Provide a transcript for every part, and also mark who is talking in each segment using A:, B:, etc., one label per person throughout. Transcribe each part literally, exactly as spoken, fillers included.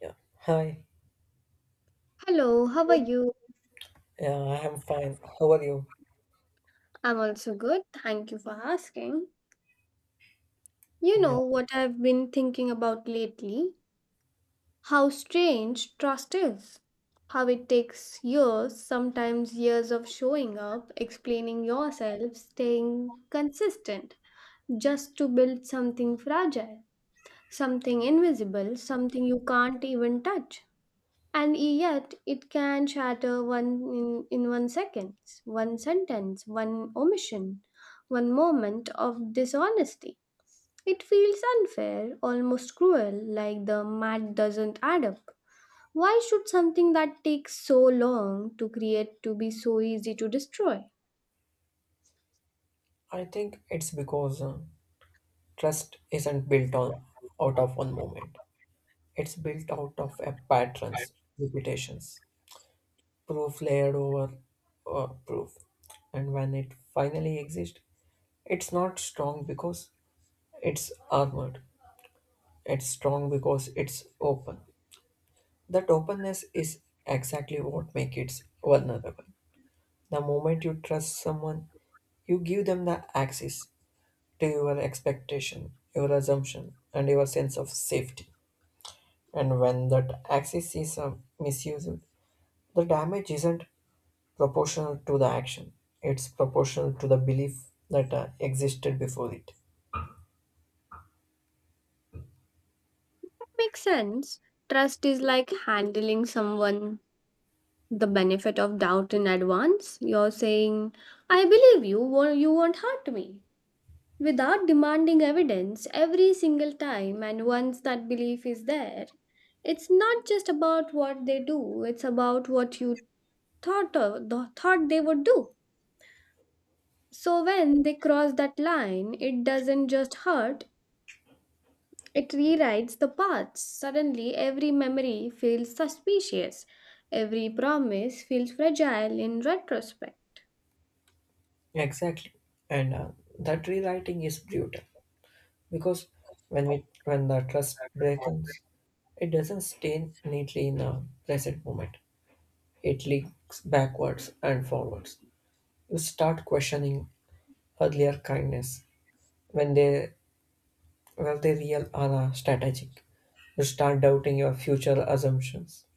A: Yeah. Hi.
B: Hello, how are you?
A: Yeah, I am fine. How are you?
B: I'm also good. Thank you for asking. You know
A: Yeah.
B: what I've been thinking about lately? How strange trust is. How it takes years, sometimes years of showing up, explaining yourself, staying consistent, just to build something fragile, something invisible, something you can't even touch. And yet it can shatter one in, in one second, one sentence, one omission, one moment of dishonesty. It feels unfair, almost cruel, like the math doesn't add up. Why should something that takes so long to create to be so easy to destroy? It
A: I think it's because uh, trust isn't built on out of one moment. It's built out of a patterns, repetitions, proof layered over uh, proof. And when it finally exists, it's not strong because it's armored. It's strong because it's open. That openness is exactly what makes it vulnerable. The moment you trust someone, you give them the access to your expectation, your assumption, and your sense of safety. And when that axis is uh, misused, the damage isn't proportional to the action, it's proportional to the belief that uh, existed before it.
B: makes sense. Trust is like handling someone the benefit of doubt in advance. You're saying, I believe you, wo- you won't hurt me. Without demanding evidence every single time, and once that belief is there, it's not just about what they do, it's about what you thought of, the thought they would do. So when they cross that line, it doesn't just hurt, it rewrites the path. Suddenly every memory feels suspicious, every promise feels fragile in retrospect.
A: Exactly. And uh, that rewriting is brutal because when we when the trust breaks, it doesn't stay neatly in the present moment. It leaks backwards and forwards. You start questioning earlier kindness when they Will the real are uh, strategic. You start doubting your future assumptions.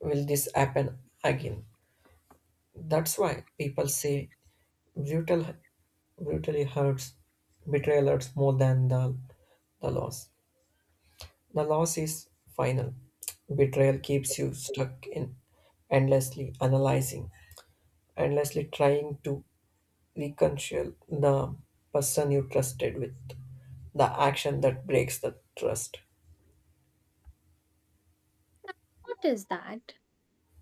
A: Will this happen again? That's why people say brutal, brutally hurts, betrayal hurts more than the, the loss. The loss is final. Betrayal keeps you stuck in endlessly analyzing, endlessly trying to reconcile the person you trusted with the action that breaks the trust.
B: Notice that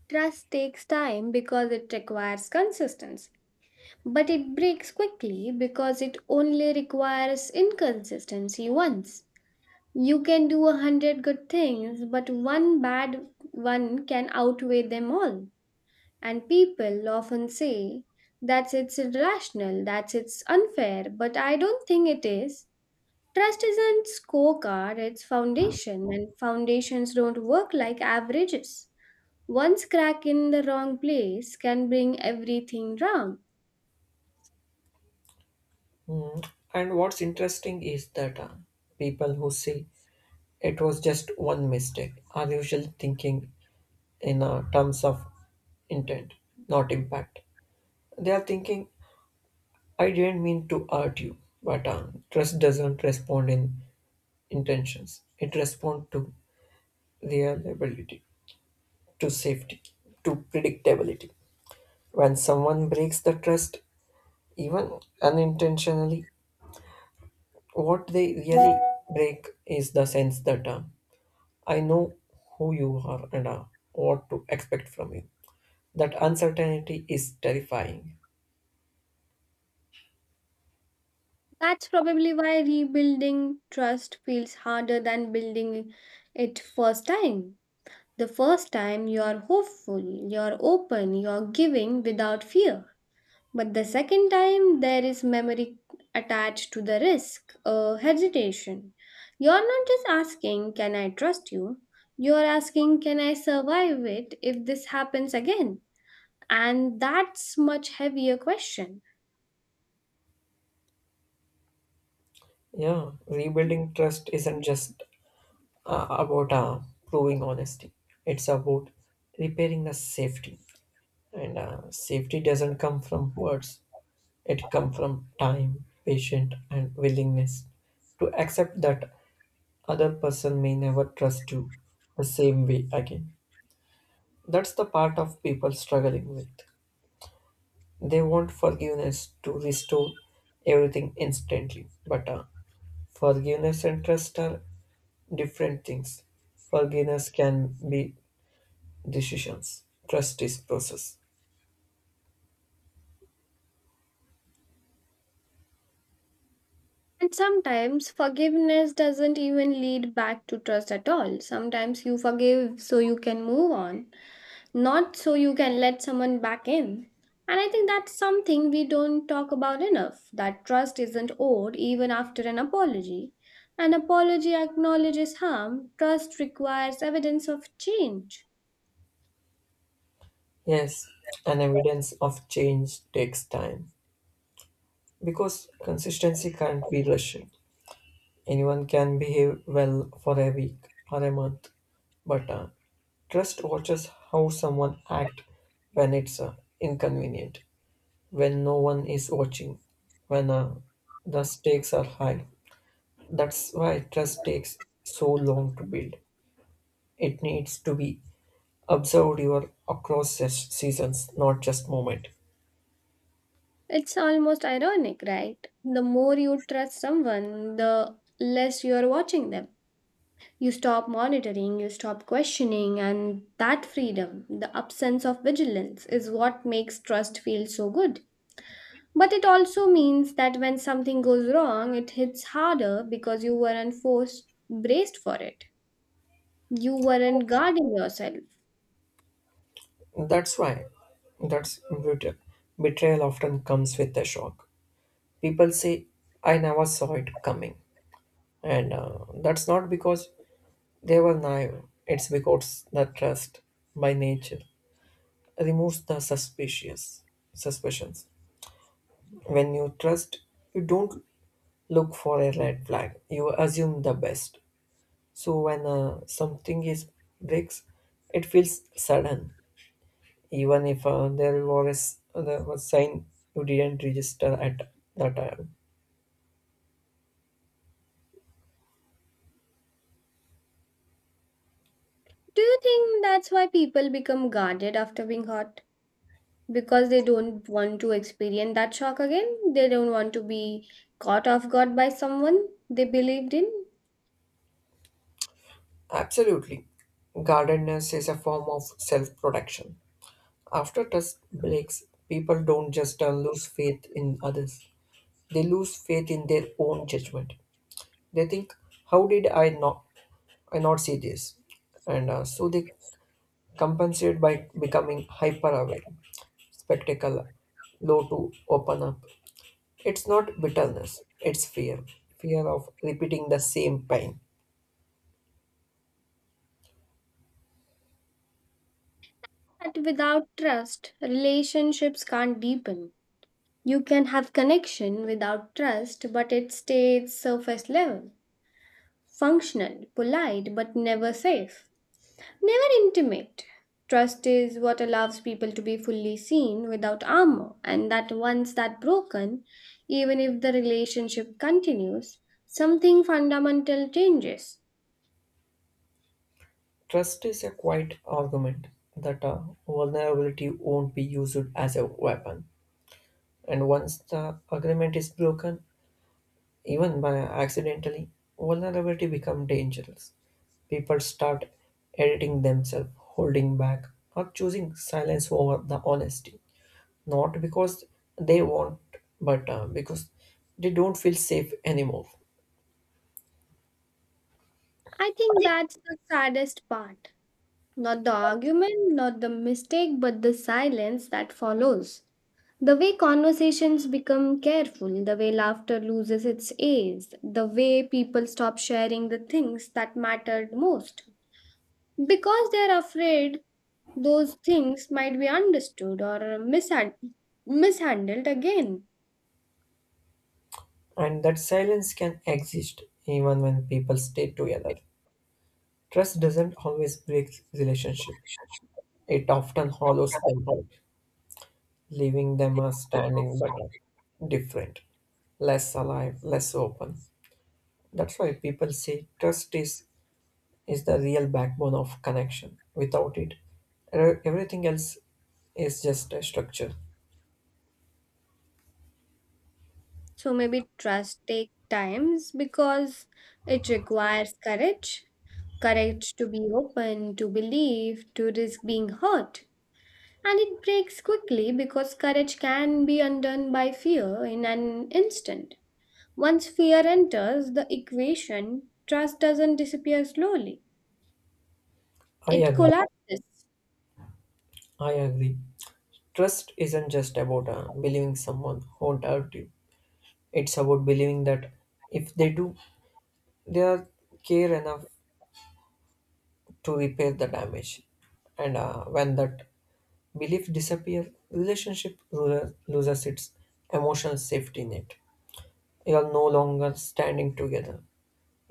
B: trust takes time because it requires consistency. But it breaks quickly because it only requires inconsistency once. You can do a hundred good things, but one bad one can outweigh them all. And people often say that's it's irrational, that's it's unfair, but I don't think it is. Trust isn't scorecard, it's foundation, and foundations don't work like averages. One crack in the wrong place can bring everything down.
A: Mm. And what's interesting is that uh, people who say it was just one mistake are usually thinking in uh, terms of intent, not impact. They are thinking, I didn't mean to hurt you, but uh, trust doesn't respond in intentions. It responds to reliability, to safety, to predictability. When someone breaks the trust, even unintentionally, what they really break is the sense that. Uh, I know who you are and uh, what to expect from you. That uncertainty is terrifying.
B: That's probably why rebuilding trust feels harder than building it first time. The first time you're hopeful, you're open, you're giving without fear. But the second time there is memory attached to the risk, a hesitation. You're not just asking, can I trust you? You're asking, can I survive it if this happens again? And that's much heavier question.
A: Yeah, rebuilding trust isn't just uh, about uh, proving honesty, it's about repairing the safety. And uh, safety doesn't come from words, it comes from time, patience, and willingness to accept that other person may never trust you the same way again. That's the part of people struggling with. They want forgiveness to restore everything instantly, but uh, forgiveness and trust are different things. Forgiveness can be decisions, trust is process.
B: And sometimes forgiveness doesn't even lead back to trust at all. Sometimes you forgive so you can move on, not so you can let someone back in. And I think that's something we don't talk about enough, that trust isn't owed even after an apology. An apology acknowledges harm, trust requires evidence of change.
A: Yes, and evidence of change takes time because consistency can't be rushed. Anyone can behave well for a week or a month, but uh, trust watches how someone acts when it's uh, inconvenient, when no one is watching, when uh, the stakes are high. That's why trust takes so long to build. It needs to be observed your across se- seasons, not just moment.
B: It's almost ironic, right? The more you trust someone, the less you're watching them. You stop monitoring, you stop questioning, and that freedom, the absence of vigilance, is what makes trust feel so good. But it also means that when something goes wrong, it hits harder because you weren't forced, braced for it. You weren't guarding yourself.
A: That's why that's brutal. Betrayal often comes with a shock. People say, "I never saw it coming," and uh, that's not because they were naive. It's because the trust, by nature, removes the suspicious suspicions. When you trust you don't look for a red flag, you assume the best. So when uh, something is breaks it feels sudden, even if uh, there was there was sign you didn't register at the time.
B: Do you think that's why people become guarded after being hurt? Because they don't want to experience that shock again? They don't want to be caught off guard by someone they believed in?
A: Absolutely. Guardedness is a form of self protection. After trust breaks, people don't just uh, lose faith in others, they lose faith in their own judgment. They think, how did I not, I not see this? And uh, so they compensate by becoming hyper aware, spectacle, low to open up. It's not bitterness, it's fear. Fear of repeating the same pain.
B: But without trust, relationships can't deepen. You can have connection without trust, but it stays surface level, functional, polite, but never safe, never intimate. Trust is what allows people to be fully seen without armor, and that once that broken, even if the relationship continues, something fundamental changes.
A: Trust is a quiet argument that uh, vulnerability won't be used as a weapon. And once the agreement is broken, even by accidentally, vulnerability become dangerous. People start editing themselves, holding back, or choosing silence over the honesty. Not because they want, but uh, because they don't feel safe anymore.
B: I think that's the saddest part. Not the argument, not the mistake, but the silence that follows. The way conversations become careful, the way laughter loses its edge, the way people stop sharing the things that mattered most. Because they are afraid those things might be understood or mishand- mishandled again.
A: And that silence can exist even when people stay together. Trust doesn't always break relationship. It often hollows them out, leaving them as standing but uh, different, less alive, less open. That's why people say trust is, is the real backbone of connection. Without it, er- everything else is just a structure.
B: So maybe trust takes times because it requires courage, courage to be open, to believe, to risk being hurt. And it breaks quickly because courage can be undone by fear in an instant. Once fear enters the equation, trust doesn't disappear slowly,
A: I
B: it
A: agree.
B: collapses.
A: I agree. Trust isn't just about uh, believing someone won't hurt you. It's about believing that if they do, they are care enough to repair the damage. And uh, when that belief disappears, relationship lo- loses its emotional safety net. You are no longer standing together.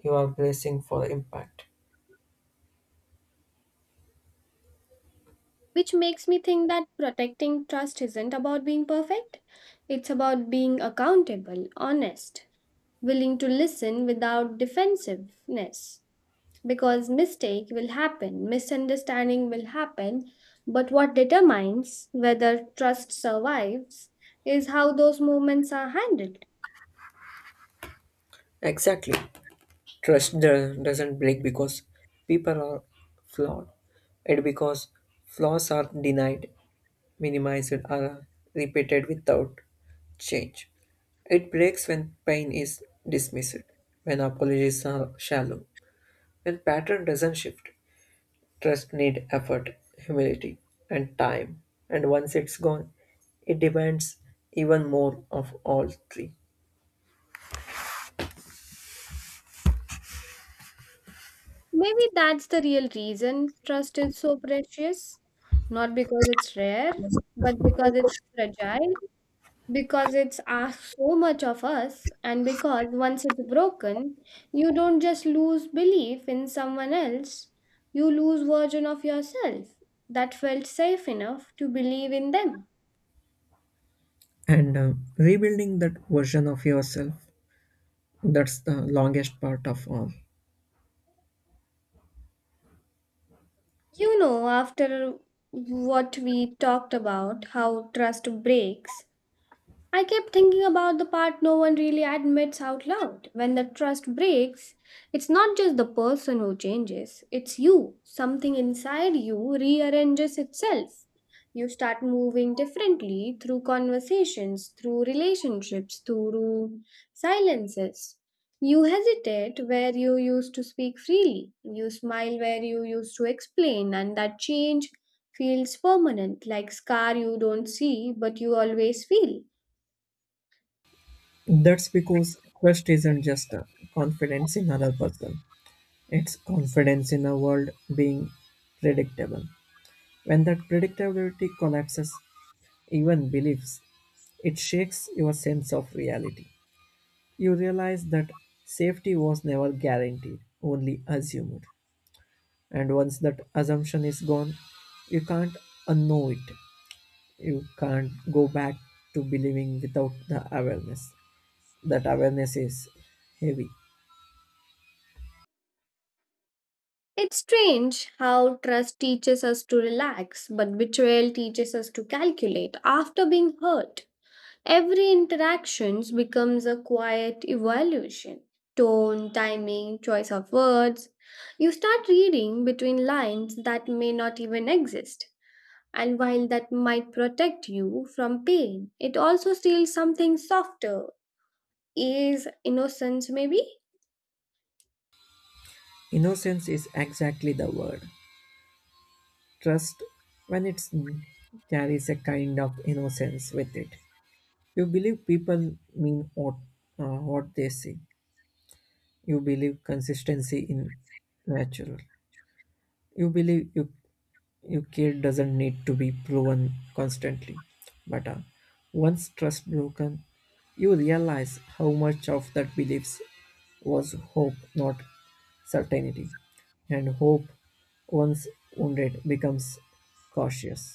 A: You are bracing for impact.
B: Which makes me think that protecting trust isn't about being perfect, it's about being accountable, honest, willing to listen without defensiveness. Because mistake will happen, misunderstanding will happen, but what determines whether trust survives is how those moments are handled.
A: Exactly. Trust do- doesn't break because people are flawed, and because flaws are denied, minimized, or repeated without change. It breaks when pain is dismissed, when apologies are shallow, when pattern doesn't shift. Trust need effort, humility, and time. And once it's gone, it demands even more of all three.
B: Maybe that's the real reason trust is so precious, not because it's rare, but because it's fragile, because it's asked so much of us, and because once it's broken you don't just lose belief in someone else, you lose version of yourself that felt safe enough to believe in them.
A: And uh, rebuilding that version of yourself, that's the longest part of all.
B: You know, after what we talked about how trust breaks, I kept thinking about the part no one really admits out loud. When the trust breaks, it's not just the person who changes, it's you. Something inside you rearranges itself. You start moving differently through conversations, through relationships, through silences. You hesitate where you used to speak freely. You smile where you used to explain, and that change feels permanent, like scar you don't see but you always feel.
A: That's because trust isn't just uh, confidence in other person. It's confidence in a world being predictable. When that predictability collapses, even beliefs, it shakes your sense of reality. You realize that safety was never guaranteed, only assumed. And once that assumption is gone, you can't unknow it. You can't go back to believing without the awareness. That awareness is heavy.
B: It's strange how trust teaches us to relax, but betrayal teaches us to calculate. After being hurt, every interaction becomes a quiet evaluation. Tone, timing, choice of words. You start reading between lines that may not even exist. And while that might protect you from pain, it also steals something softer. Is innocence, maybe?
A: Innocence is exactly the word. Trust, when it's carries a kind of innocence with it. You believe people mean what, uh, what they say. You believe consistency in natural. You believe you your care doesn't need to be proven constantly, but uh, once trust broken you realize how much of that beliefs was hope, not certainty. And hope once wounded becomes cautious.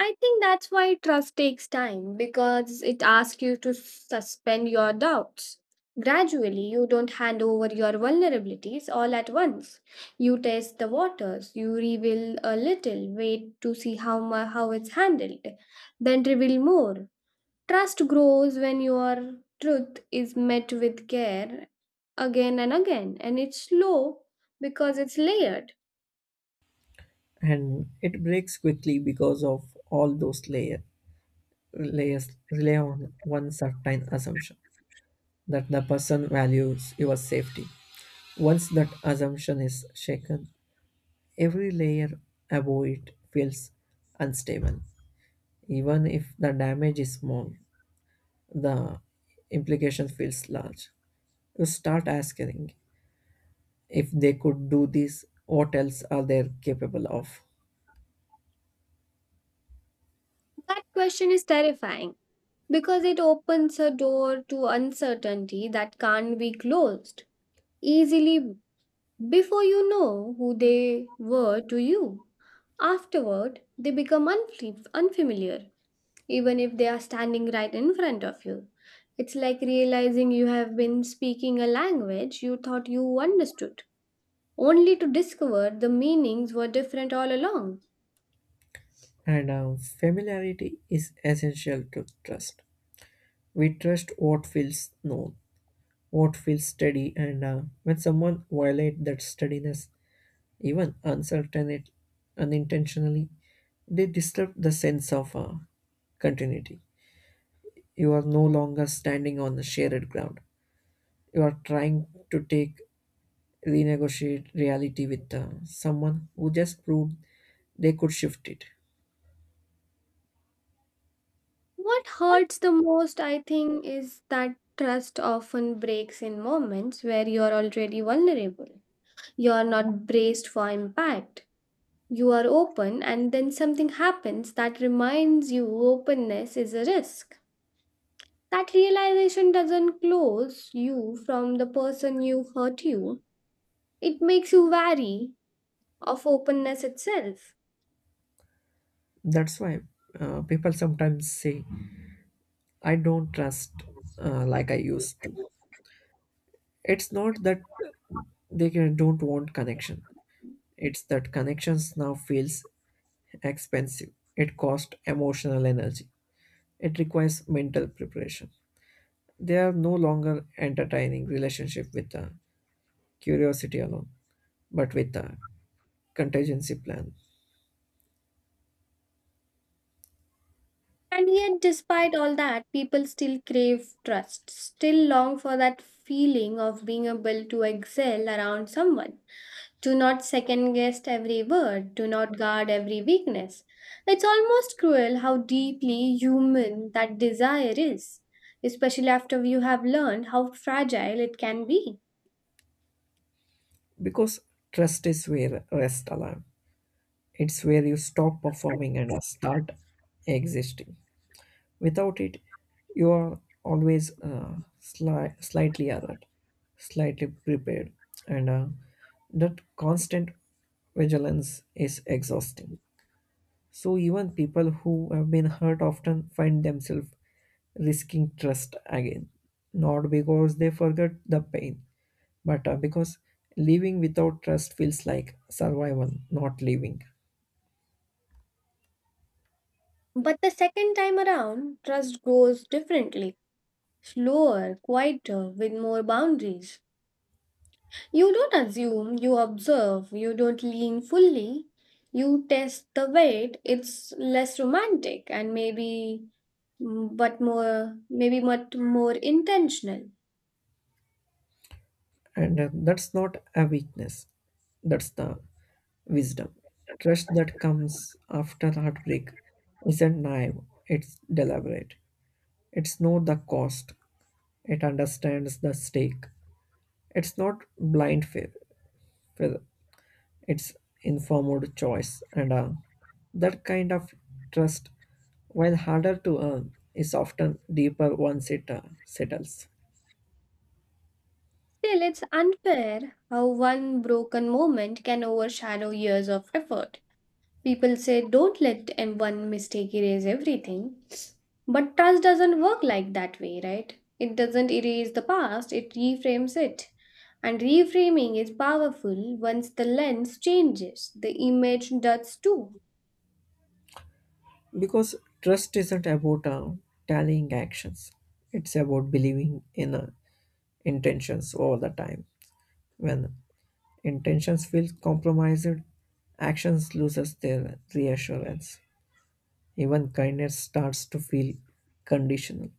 B: I think that's why trust takes time, because it asks you to suspend your doubts. Gradually, you don't hand over your vulnerabilities all at once. You test the waters, you reveal a little, wait to see how, mu- how it's handled, then reveal more. Trust grows when your truth is met with care again and again, and it's slow because it's layered.
A: And it breaks quickly because of all those layer, layers rely on one certain assumption that the person values your safety. Once that assumption is shaken, every layer above it feels unstable. Even if the damage is small, the implication feels large. You start asking, if they could do this, what else are they capable of?
B: That question is terrifying because it opens a door to uncertainty that can't be closed easily before you know who they were to you. Afterward, they become unf- unfamiliar, even if they are standing right in front of you. It's like realizing you have been speaking a language you thought you understood, only to discover the meanings were different all along.
A: And uh, familiarity is essential to trust. We trust what feels known, what feels steady, and uh, when someone violates that steadiness, even uncertain unintentionally, they disturb the sense of uh, continuity. You are no longer standing on the shared ground. You are trying to take renegotiate reality with uh, someone who just proved they could shift it.
B: What hurts the most, I think, is that trust often breaks in moments where you're already vulnerable. You're not braced for impact. You are open, and then something happens that reminds you openness is a risk. That realization doesn't close you from the person you hurt you, it makes you wary of openness itself.
A: That's why uh, people sometimes say, "I don't trust uh, like I used to." It's not that they can- don't want connection. It's that connections now feels expensive, it costs emotional energy, it requires mental preparation. They are no longer entertaining relationship with the curiosity alone, but with the contingency plan.
B: And yet, despite all that, people still crave trust, still long for that feeling of being able to excel around someone, to not second guess every word, to not guard every weakness. It's almost cruel how deeply human that desire is, especially after you have learned how fragile it can be.
A: Because trust is where rest alarm. It's where you stop performing and start existing. Without it, you are always uh, sli- slightly alert, slightly prepared, and uh, that constant vigilance is exhausting. So even people who have been hurt often find themselves risking trust again, not because they forget the pain, but uh, because living without trust feels like survival, not living.
B: But the second time around, trust grows differently, slower, quieter, with more boundaries. You don't assume, you observe, you don't lean fully, you test the weight. It's less romantic and maybe mm, but more maybe much more intentional.
A: And uh, that's not a weakness, that's the wisdom. Trust that comes after heartbreak isn't naive, it's deliberate. It's not the cost, it understands the stake. It's not blind faith, it's informed choice. And uh, that kind of trust, while harder to earn, is often deeper once it uh, settles.
B: Still, it's unfair how one broken moment can overshadow years of effort. People say don't let em- one mistake erase everything. But trust doesn't work like that way, right? It doesn't erase the past, it reframes it. And reframing is powerful once the lens changes, the image does too.
A: Because trust isn't about uh, tallying actions, it's about believing in uh, intentions all the time. When intentions feel compromised, actions loses their reassurance. Even kindness starts to feel conditional.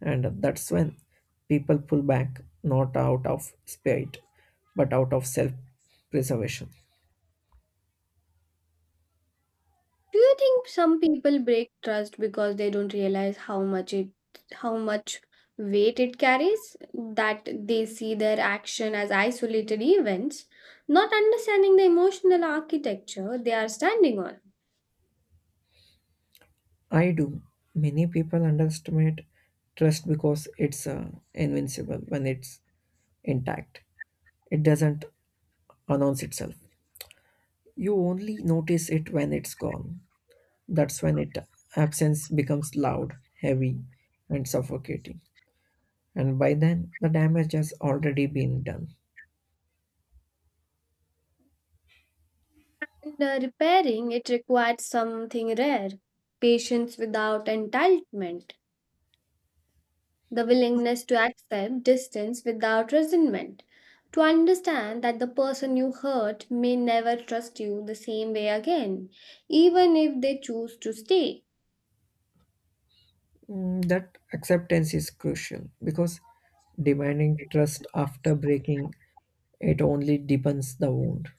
A: And that's when people pull back, not out of spite, but out of self preservation.
B: Do you think some people break trust because they don't realize how much it how much weight it carries, that they see their action as isolated events, not understanding the emotional architecture they are standing on?
A: I do. Many people underestimate trust because it's uh, invincible when it's intact. It doesn't announce itself. You only notice it when it's gone. That's when it absence becomes loud, heavy, and suffocating. And by then the damage has already been done.
B: And uh, repairing it required something rare, patience without entitlement, the willingness to accept distance without resentment, to understand that the person you hurt may never trust you the same way again, even if they choose to stay.
A: Mm, that acceptance is crucial because demanding trust after breaking it only deepens the wound.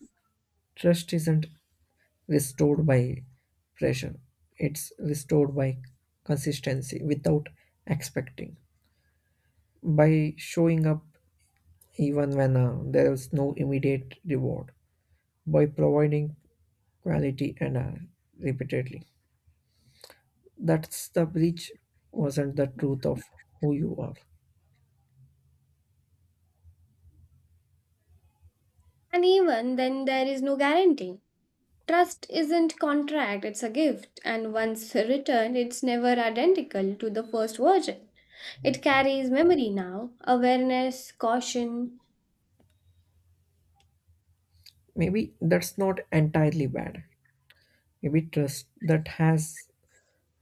A: Trust isn't restored by pressure, it's restored by consistency without expecting. By showing up even when uh, there is no immediate reward, by providing quality and uh, repeatedly. That's the breach, wasn't the truth of who you are.
B: And even then, there is no guarantee. Trust isn't contract, it's a gift, and once returned, it's never identical to the first version. It carries memory now, awareness, caution.
A: Maybe that's not entirely bad. Maybe trust that has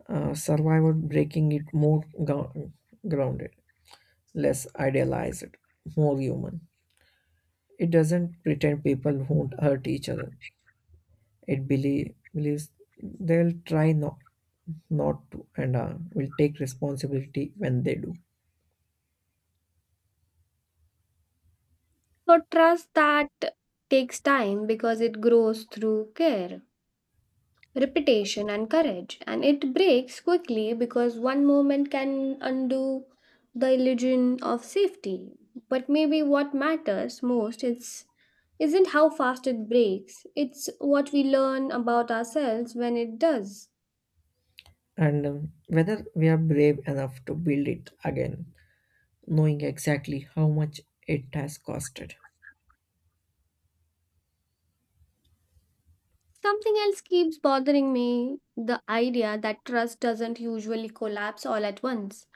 A: uh, survived breaking it more gro- grounded, less idealized, more human. It doesn't pretend people won't hurt each other. It belie- believes they'll try not, not to, and uh, will take responsibility when they do.
B: For trust that takes time because it grows through care, repetition, and courage, and it breaks quickly because one moment can undo the illusion of safety. But maybe what matters most is isn't how fast it breaks, it's what we learn about ourselves when it does.
A: And um, whether we are brave enough to build it again knowing exactly how much it has costed.
B: Something else keeps bothering me, the idea that trust doesn't usually collapse all at once.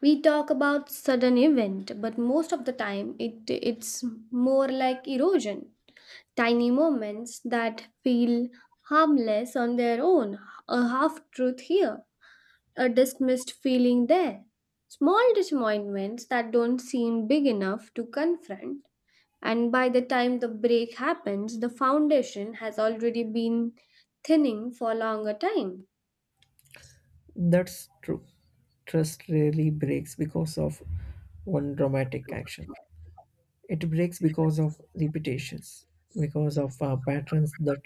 B: We talk about sudden event, but most of the time it it's more like erosion. Tiny moments that feel harmless on their own, a half truth here, a dismissed feeling there. Small disappointments that don't seem big enough to confront, and by the time the break happens, the foundation has already been thinning for a longer time.
A: That's true. Trust rarely breaks because of one dramatic action. It breaks because of repetitions, because of uh, patterns that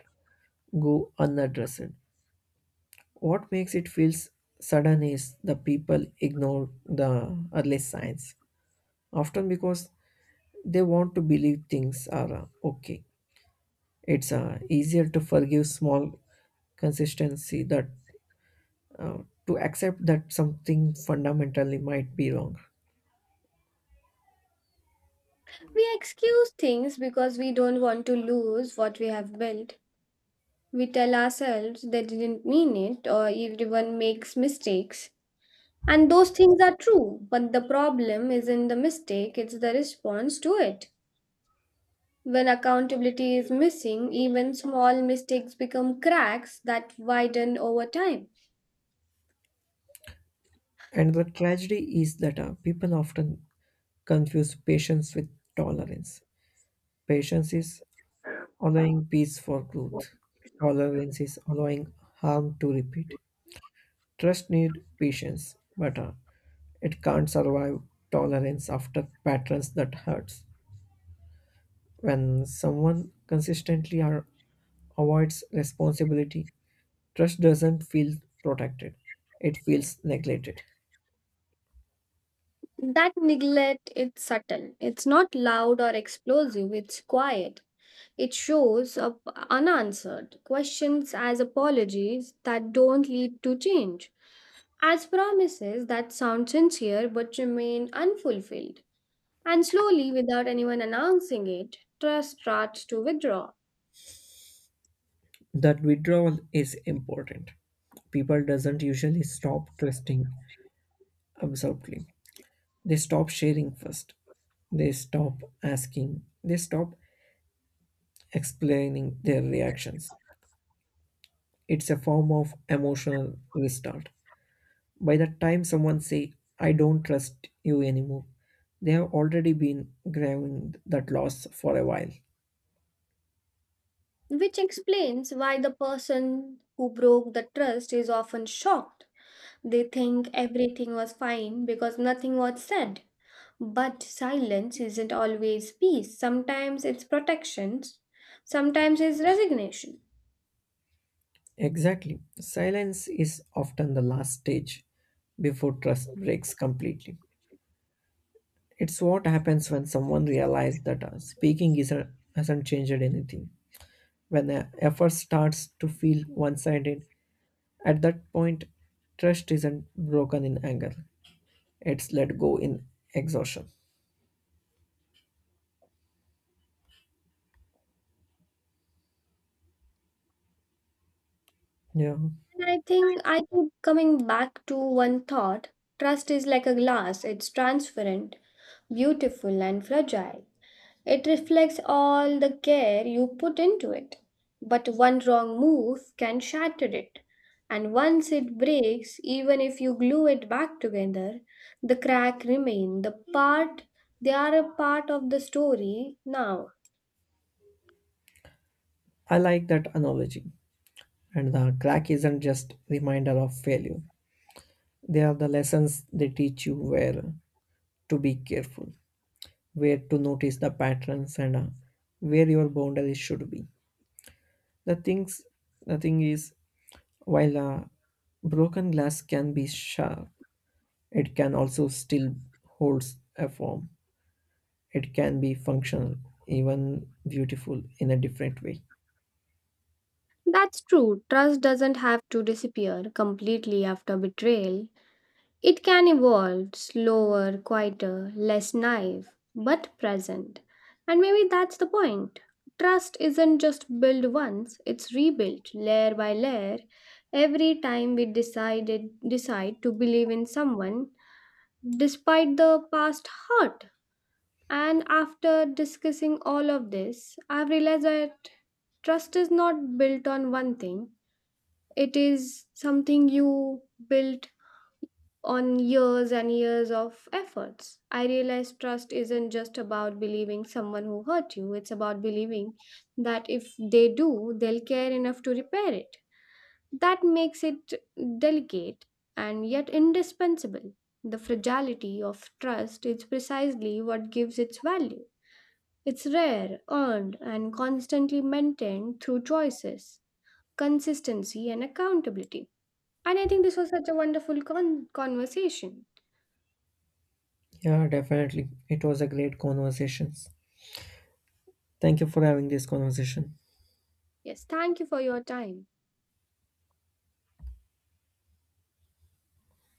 A: go unaddressed. What makes it feel sudden is the people ignore the early signs, often because they want to believe things are uh, okay. It's uh, easier to forgive small consistency that uh, to accept that something fundamentally might be wrong.
B: We excuse things because we don't want to lose what we have built. We tell ourselves they didn't mean it or everyone makes mistakes. And those things are true, but the problem isn't the mistake, it's the response to it. When accountability is missing, even small mistakes become cracks that widen over time.
A: And the tragedy is that uh, people often confuse patience with tolerance. Patience is allowing peace for growth. Tolerance is allowing harm to repeat. Trust need patience, but uh, it can't survive tolerance after patterns that hurts. When someone consistently or avoids responsibility, trust doesn't feel protected, it feels neglected.
B: That neglect it's subtle. It's not loud or explosive, it's quiet. It shows up unanswered questions as apologies that don't lead to change, as promises that sound sincere but remain unfulfilled. And slowly, without anyone announcing it, trust starts to withdraw,
A: That withdrawal is important. People doesn't usually stop trusting absolutely. They stop sharing first. They stop asking. They stop explaining their reactions. It's a form of emotional restart. By the time someone say, I don't trust you anymore, they have already been grieving that loss for a while.
B: which explains why the person who broke the trust is often shocked. They think everything was fine because nothing was said. But silence isn't always peace. Sometimes it's protections, sometimes it's resignation.
A: Exactly. Silence is often the last stage before trust breaks completely. It's what happens when someone realizes that uh, speaking is a, hasn't changed anything. When the effort starts to feel one sided, at that point, trust isn't broken in anger, it's let go in exhaustion. Yeah,
B: And I think I keep coming back to one thought, trust is like a glass, it's transparent, beautiful, and fragile. It reflects all the care you put into it. But one wrong move can shatter it. And once it breaks, even if you glue it back together, the crack remains. the part they are a part of the story now.
A: I like that analogy. And the crack isn't just reminder of failure, they are the lessons. They teach you where to be careful, where to notice the patterns, and uh, where your boundaries should be. the things the thing is, while a broken glass can be sharp, it can also still holds a form. It can be functional, even beautiful in a different way.
B: That's true. Trust doesn't have to disappear completely after betrayal. It can evolve slower, quieter, less naive, but present. And maybe that's the point. Trust isn't just built once, it's rebuilt layer by layer every time we decided decide to believe in someone despite the past hurt. And after discussing all of this, I've realized that trust is not built on one thing. It is something you build on years and years of efforts. I realized trust isn't just about believing someone who hurt you, it's about believing that if they do, they'll care enough to repair it. That makes it delicate and yet indispensable. The fragility of trust is precisely what gives its value. It's rare, earned, and constantly maintained through choices, consistency, and accountability. And I think this was such a wonderful con- conversation.
A: Yeah, definitely it was a great conversation. Thank you for having this conversation.
B: Yes, thank you for your time.